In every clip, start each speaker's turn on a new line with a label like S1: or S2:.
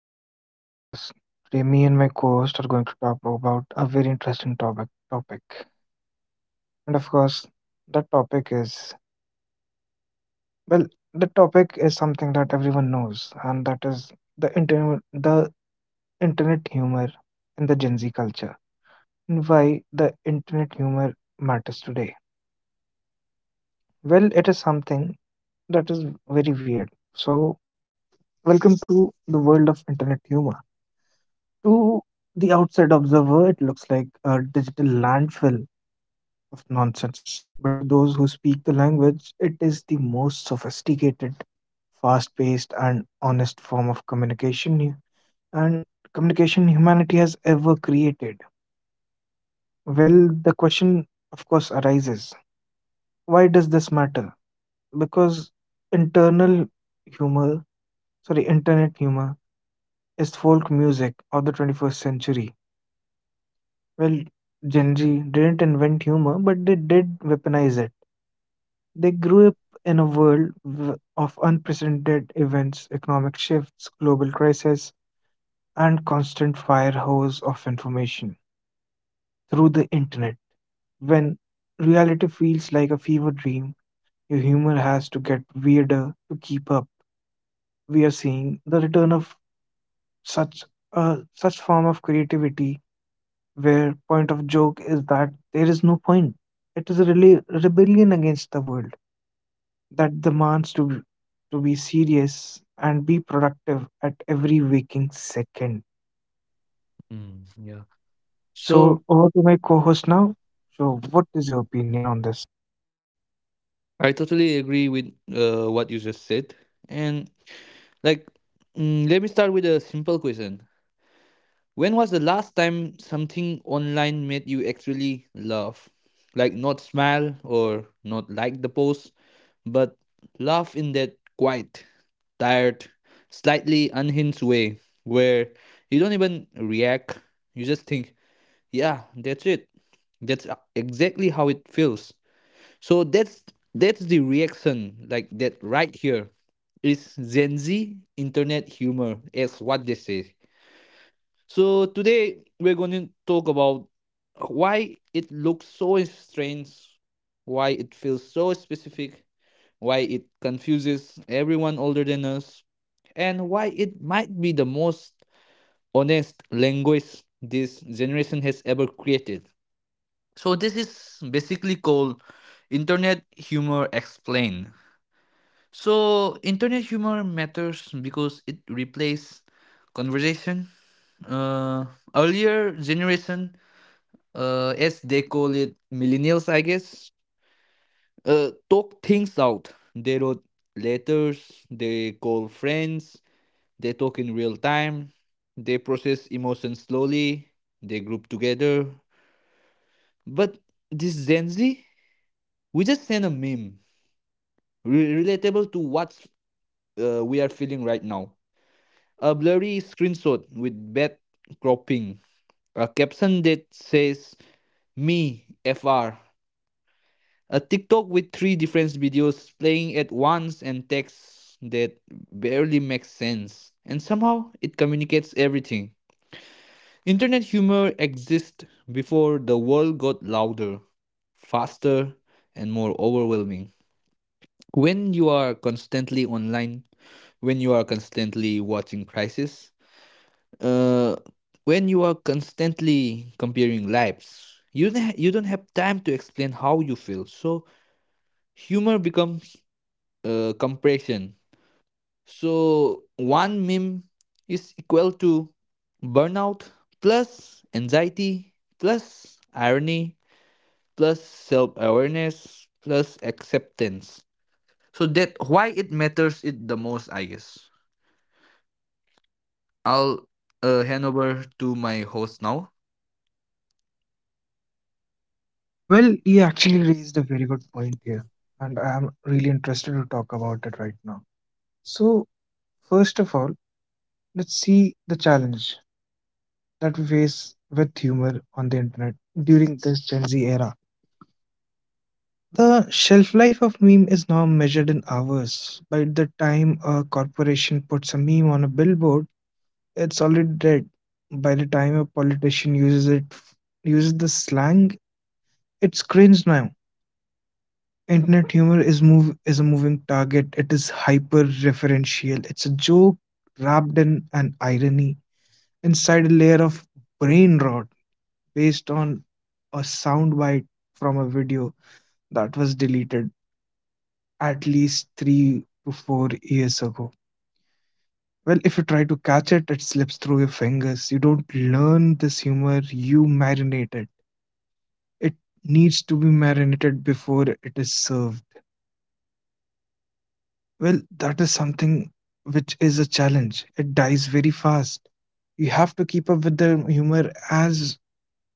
S1: welcome to our podcast. Today, me and my co-host are going to talk about a very interesting topic, and of course, that topic is well, the topic is something that everyone knows, and that is the internet humor in the Gen Z culture, and why the internet humor matters today. Well, it is something that is very weird. So, welcome to the world of internet humor. To the outside observer, it looks like a digital landfill of nonsense. But to those who speak the language, it is the most sophisticated, fast paced, and honest form of communication hu- and communication humanity has ever created. Well, the question, of course, arises, why does this matter? Because internal humor, internet humor is folk music of the 21st century. Well, Gen Z didn't invent humor, but they did weaponize it. They grew up in a world of unprecedented events, economic shifts, global crises, and constant firehose of information through the internet. When reality feels like a fever dream, your humor has to get weirder to keep up. We are seeing the return of such a such form of creativity where point of joke is that there is no point. It is a really rebellion against the world that demands to be serious and be productive at every waking second.
S2: Mm, yeah.
S1: So
S2: So
S1: over to my co-host now. So what is your opinion on this?
S2: I totally agree with what you just said. And like, Let me start with a simple question. When was the last time something online made you actually laugh? Like, not smile or not like the post, but laugh in that quiet, tired, slightly unhinged way where you don't even react. You just think, yeah, that's it. That's exactly how it feels. So that's the reaction like that right here is Gen Z internet humor is what they say. So today we're going to talk about why it looks so strange, why it feels so specific, why it confuses everyone older than us, and why it might be the most honest language this generation has ever created. So this is basically called Internet Humor Explained. So internet humor matters because it replaces conversation. Uh, Earlier generation, as they call it, millennials, I guess, talk things out. They wrote letters. They call friends. They talk in real time. They process emotions slowly. They group together. But this Gen Z, we just send a meme relatable to what we are feeling right now. A blurry screenshot with bad cropping. A caption that says, "Me, FR." A TikTok with three different videos playing at once and text that barely makes sense. And somehow it communicates everything. Internet humor exists before the world got louder, faster, and more overwhelming. When you are constantly online, when you are constantly watching crisis, uh, when you are constantly comparing lives, you don't have time to explain how you feel. So humor becomes compression. So one meme is equal to burnout plus anxiety plus irony plus self awareness plus acceptance. So that why it matters it the most, I guess. I'll hand over to my host now.
S1: Well, you actually raised a very good point here, and I'm really interested to talk about it right now. So first of all, let's see the challenge that we face with humor on the internet during this Gen Z era. The shelf life of meme is now measured in hours. By the time a corporation puts a meme on a billboard, it's already dead. By the time a politician uses the slang, it's cringe now. Internet humor is a moving target. It is hyper referential. It's a joke wrapped in an irony inside a layer of brain rot based on a soundbite from a video that was deleted at least 3 to 4 years ago. Well, if you try to catch it, it slips through your fingers. You don't learn this humor, you marinate it. It needs to be marinated before it is served. Well, that is something which is a challenge. It dies very fast. You have to keep up with the humor as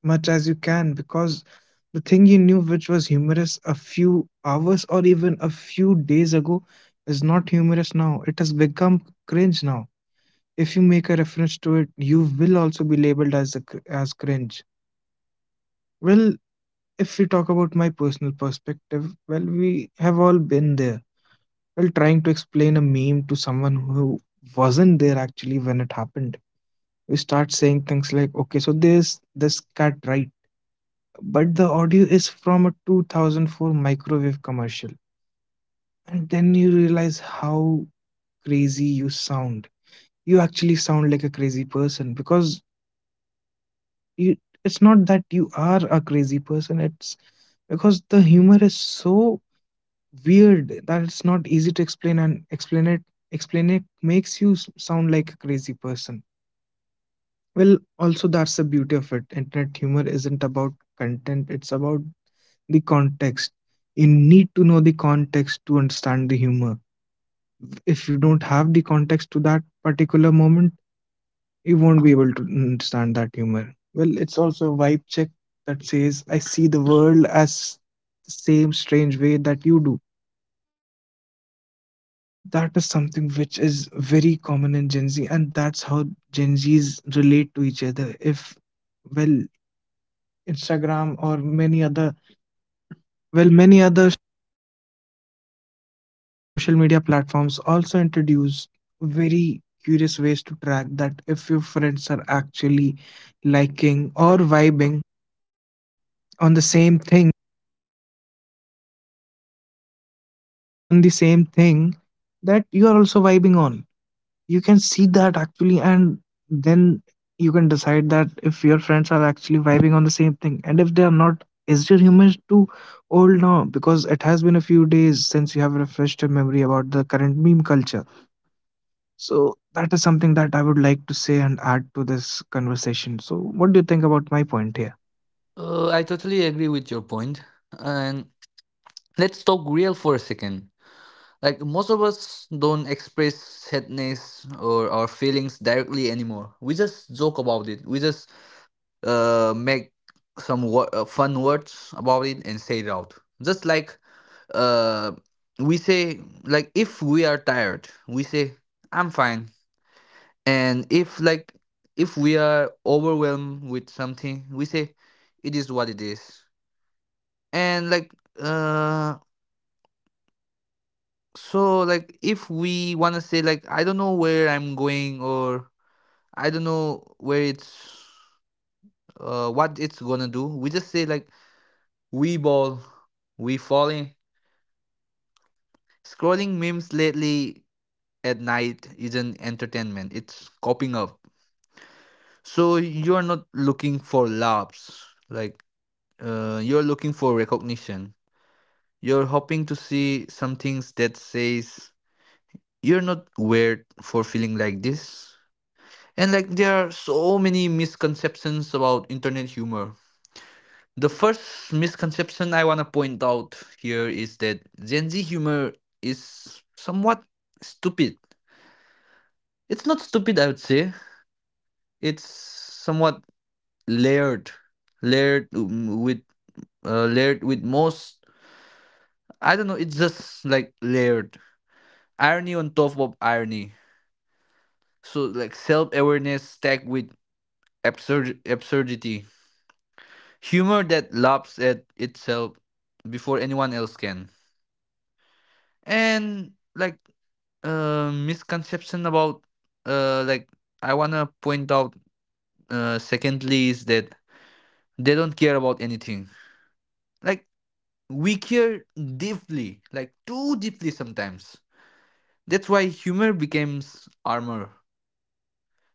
S1: much as you can because the thing you knew which was humorous a few hours or even a few days ago is not humorous now. It has become cringe now. If you make a reference to it, you will also be labeled as cringe. Well, if we talk about my personal perspective, well, we have all been there. Well, trying to explain a meme to someone who wasn't there actually when it happened, we start saying things like, "Okay, so there's this cat, right?" But the audio is from a 2004 microwave commercial, and then you realize how crazy you sound. You actually sound like a crazy person because You it's not that you are a crazy person, it's because the humor is so weird that it's not easy to explain, and explain it makes you sound like a crazy person. Well, also that's the beauty of it. Internet humor isn't about content, it's about the context. You need to know the context to understand the humor. If you don't have the context to that particular moment, you won't be able to understand that humor. Well, it's also a vibe check that says, I see the world as the same strange way that you do. And that is something which is very common in Gen Z, and that's how Gen Zs relate to each other. If, well, Instagram or many other, many other social media platforms also introduce very curious ways to track that if your friends are actually liking or vibing on the same thing on the same thing that you are also vibing on. You can see that actually, and then you can decide that if your friends are actually vibing on the same thing, and if they are not, is your humor too old now? Because it has been a few days since you have refreshed your memory about the current meme culture. So that is something that I would like to say and add to this conversation. So, what do you think about my point here?
S2: I totally agree with your point. And let's talk real for a second. Like most of us don't express sadness or our feelings directly anymore. We just joke about it. We just make fun words about it and say it out. Just like uh we say like if we are tired, we say I'm fine. And if like if we are overwhelmed with something, we say it is what it is. And like, uh, so like if we wanna say like I don't know where I'm going or I don't know where it's what it's gonna do, we just say like we ball, we falling. Scrolling memes lately at night isn't entertainment, it's coping up. So you're not looking for laughs, like you're looking for recognition. You're hoping to see some things that says you're not weird for feeling like this. And like there are so many misconceptions about internet humor. The first misconception I want to point out here is that Gen Z humor is somewhat stupid. It's not stupid, I would say. It's somewhat layered, layered with layered with most. I don't know. It's just like layered irony on top of irony. So like self awareness stacked with absurdity, humor that laughs at itself before anyone else can. And like uh, misconception about uh like i want to point out, secondly, is that they don't care about anything. Like we care deeply, like too deeply sometimes. That's why humor becomes armor.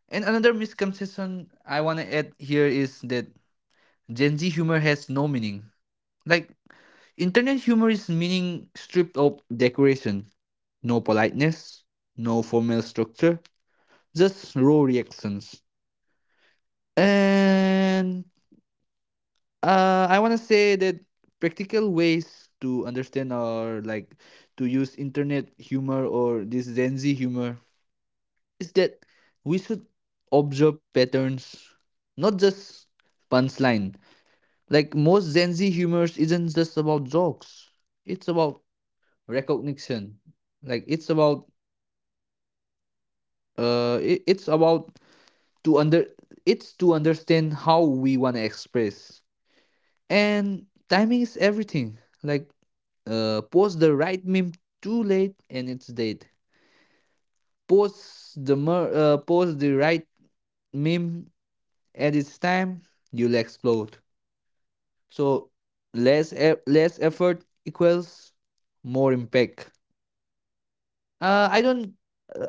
S2: And another misconception I want to add here is that Gen Z humor has no meaning. Like, internet humor is meaning stripped of decoration. No politeness, no formal structure, just raw reactions. And I want to say that practical ways to understand or like to use internet humor or this Gen Z humor is that we should observe patterns, not just punchline. Like most Gen Z humors isn't just about jokes. It's about recognition. Like it's about it, it's about to under it's to understand how we want to express. And timing is everything. Like, post the right meme too late and it's dead. Post the right meme at its time, you'll explode. So less effort equals more impact. uh i don't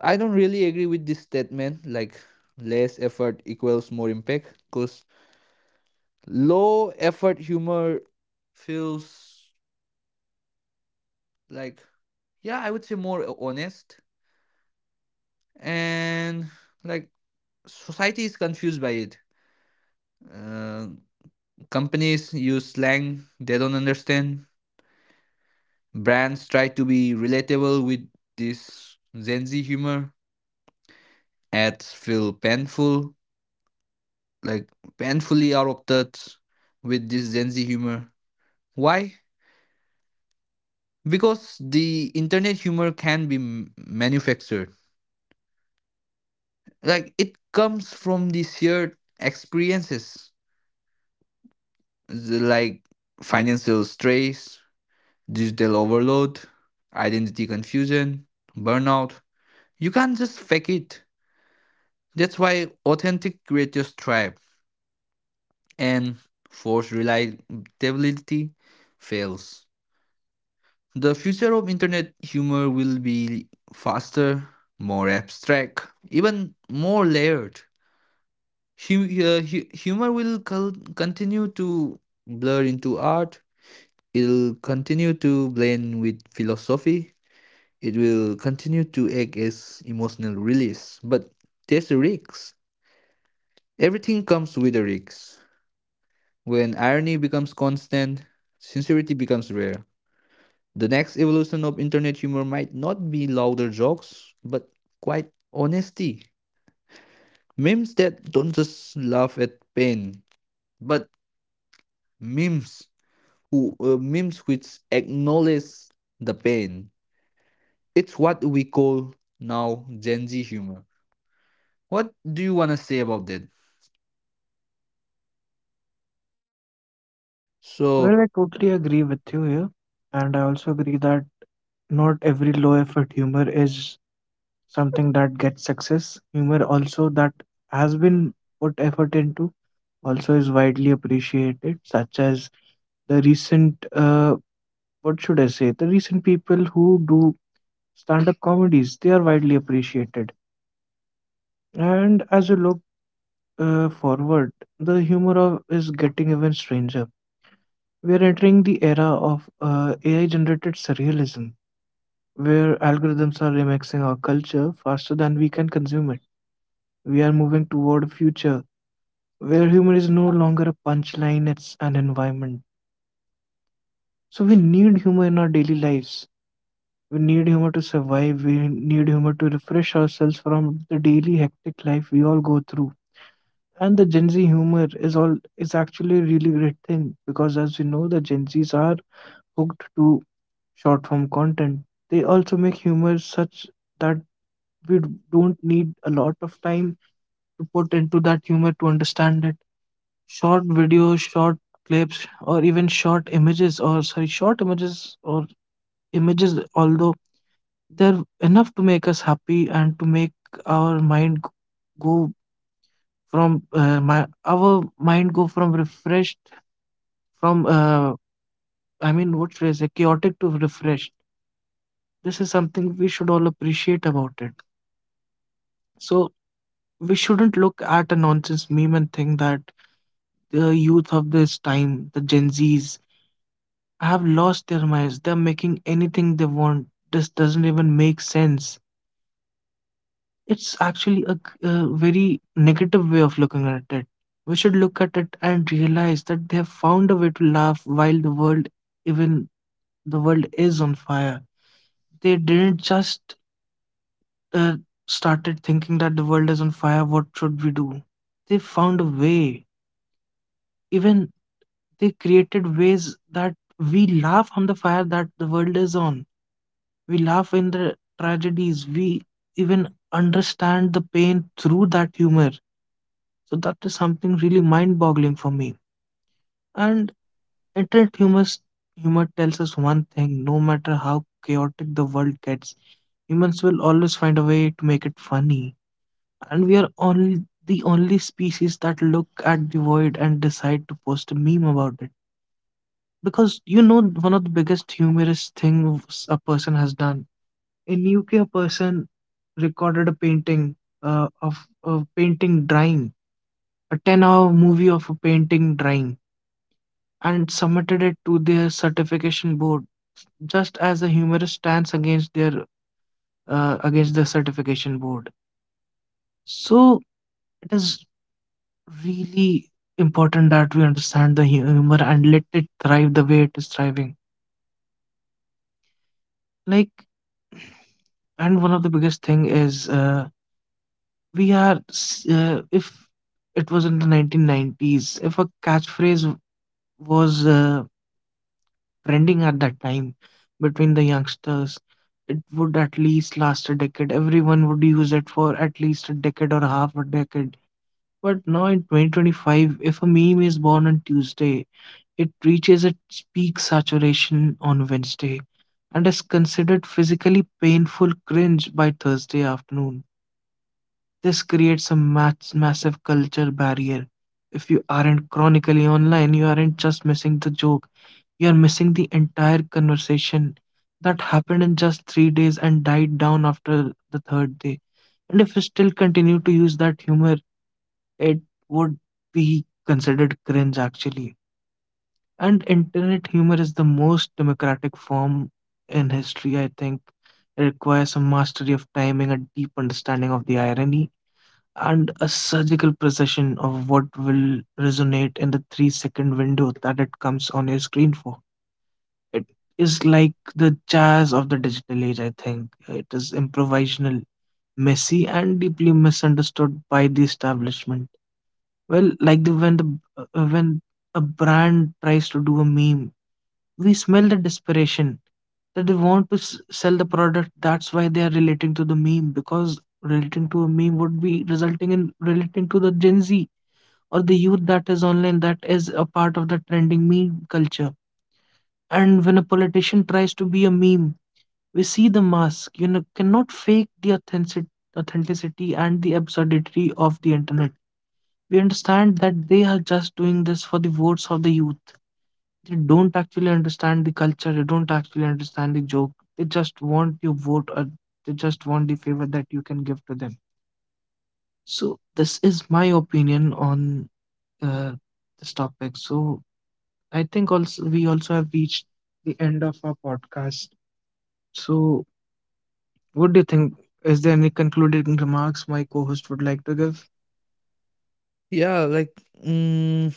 S2: i don't really agree with this statement, like less effort equals more impact, because low effort humor feels, like, yeah, I would say more honest. And like society is confused by it. Uh, Companies use slang they don't understand. Brands try to be relatable with this Gen Z humor. Ads feel painful, like painfully out of touch with this Gen Z humor. Why? Because the internet humor can be manufactured. Like it comes from the shared experiences, the, like, financial stress, digital overload, identity confusion, burnout. You can't just fake it. That's why authentic creators thrive and forced reliability fails. The future of internet humor will be faster, more abstract, even more layered. Continue to blur into art. It'll continue to blend with philosophy. It will continue to act as emotional release. But there's a risk. Everything comes with a risk. When irony becomes constant, sincerity becomes rare. The next evolution of internet humor might not be louder jokes, but quite honesty. Memes that don't just laugh at pain, but memes memes which acknowledge the pain. It's what we call now Gen Z humor. What do you want to say about that?
S1: Well,
S2: So
S1: I totally agree with you here, and I also agree that not every low effort humor is something that gets success. Humor also that has been put effort into also is widely appreciated, such as the recent what should I say? The recent people who do stand-up comedies, they are widely appreciated. And as you look forward, the humor of is getting even stranger. We are entering the era of AI-generated surrealism, where algorithms are remixing our culture faster than we can consume it. We are moving toward a future where humor is no longer a punchline, it's an environment. So we need humor in our daily lives. We need humor to survive. We need humor to refresh ourselves from the daily hectic life we all go through. And the Gen Z humor is actually a really great thing, because as we know the Gen Zs are hooked to short form content. They also make humor such that we don't need a lot of time to put into that humor to understand it. Short videos, short clips, or even short images, or images, although they're enough to make us happy and to make our mind g- go from my our mind go from refreshed from what should I say, chaotic to refreshed. This is something we should all appreciate about it. So we shouldn't look at a nonsense meme and think that the youth of this time, the Gen Zs, have lost their minds. They're making anything they want. This doesn't even make sense. It's actually a very negative way of looking at it. We should look at it and realize that they have found a way to laugh while even the world is on fire. They didn't just uh, started thinking that the world is on fire. What should we do? They found a way. Even they created ways that we laugh on the fire that the world is on. We laugh in the tragedies. We even understand the pain through that humor. So that is something really mind-boggling for me. And internet humor tells us one thing: no matter how chaotic the world gets, humans will always find a way to make it funny. And we are only the only species that look at the void and decide to post a meme about it. Because you know one of the biggest humorous things a person has done. In UK a person recorded a painting of a painting drawing, a 10-hour movie of a painting drawing, and submitted it to their certification board just as a humorous stance against the certification board. So it is really important that we understand the humor and let it thrive the way it is thriving. Like, and one of the biggest thing is if it was in the 1990s, if a catchphrase was trending at that time between the youngsters, it would at least last a decade. Everyone would use it for at least a decade or half a decade. But now in 2025, if a meme is born on Tuesday, it reaches its peak saturation on Wednesday and is considered physically painful cringe by Thursday afternoon. This creates a massive culture barrier. If you aren't chronically online, you aren't just missing the joke, you are missing the entire conversation that happened in just 3 days and died down after the third day. And if you still continue to use that humor, it would be considered cringe actually. And internet humor is the most democratic form in history, I think. It requires a mastery of timing, a deep understanding of the irony, and a surgical precision of what will resonate in the 3 second window that it comes on your screen for. It is like the jazz of the digital age, I think. It is improvisational, messy, and deeply misunderstood by the establishment. Well, like the when a brand tries to do a meme, we smell the desperation that they want to sell the product. That's why they are relating to the meme, because relating to a meme would be resulting in relating to the Gen Z or the youth that is online that is a part of the trending meme culture. And when a politician tries to be a meme, we see the mask. You know, cannot fake the authenticity and the absurdity of the internet. We understand that they are just doing this for the votes of the youth. They don't actually understand the culture, they don't actually understand the joke. They just want your vote, or they just want the favor that you can give to them. So, this is my opinion on uh, this topic. So, I think also we also have reached the end of our podcast. So, what do you think? Is there any concluding remarks my co host would like to give?
S2: yeah, like mm,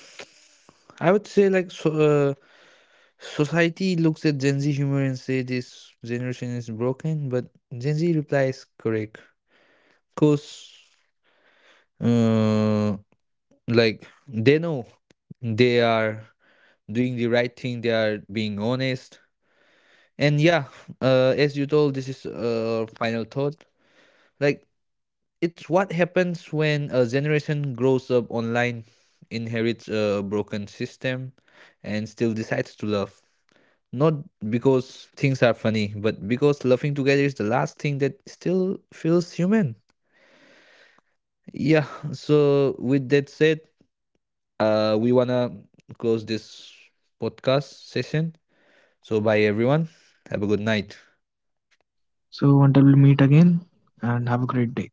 S2: I would say society looks at Gen Z humor and say this generation is broken, but Gen Z replies correct because, uh, like, they know they are doing the right thing, they are being honest. And yeah, as you told, this is final thought. Like it's what happens when a generation grows up online, inherits a broken system, and still decides to love. Not because things are funny, but because loving together is the last thing that still feels human. Yeah. So with that said, we wanna close this podcast session. So bye everyone. Have a good night.
S1: So, until we meet again, and have a great day.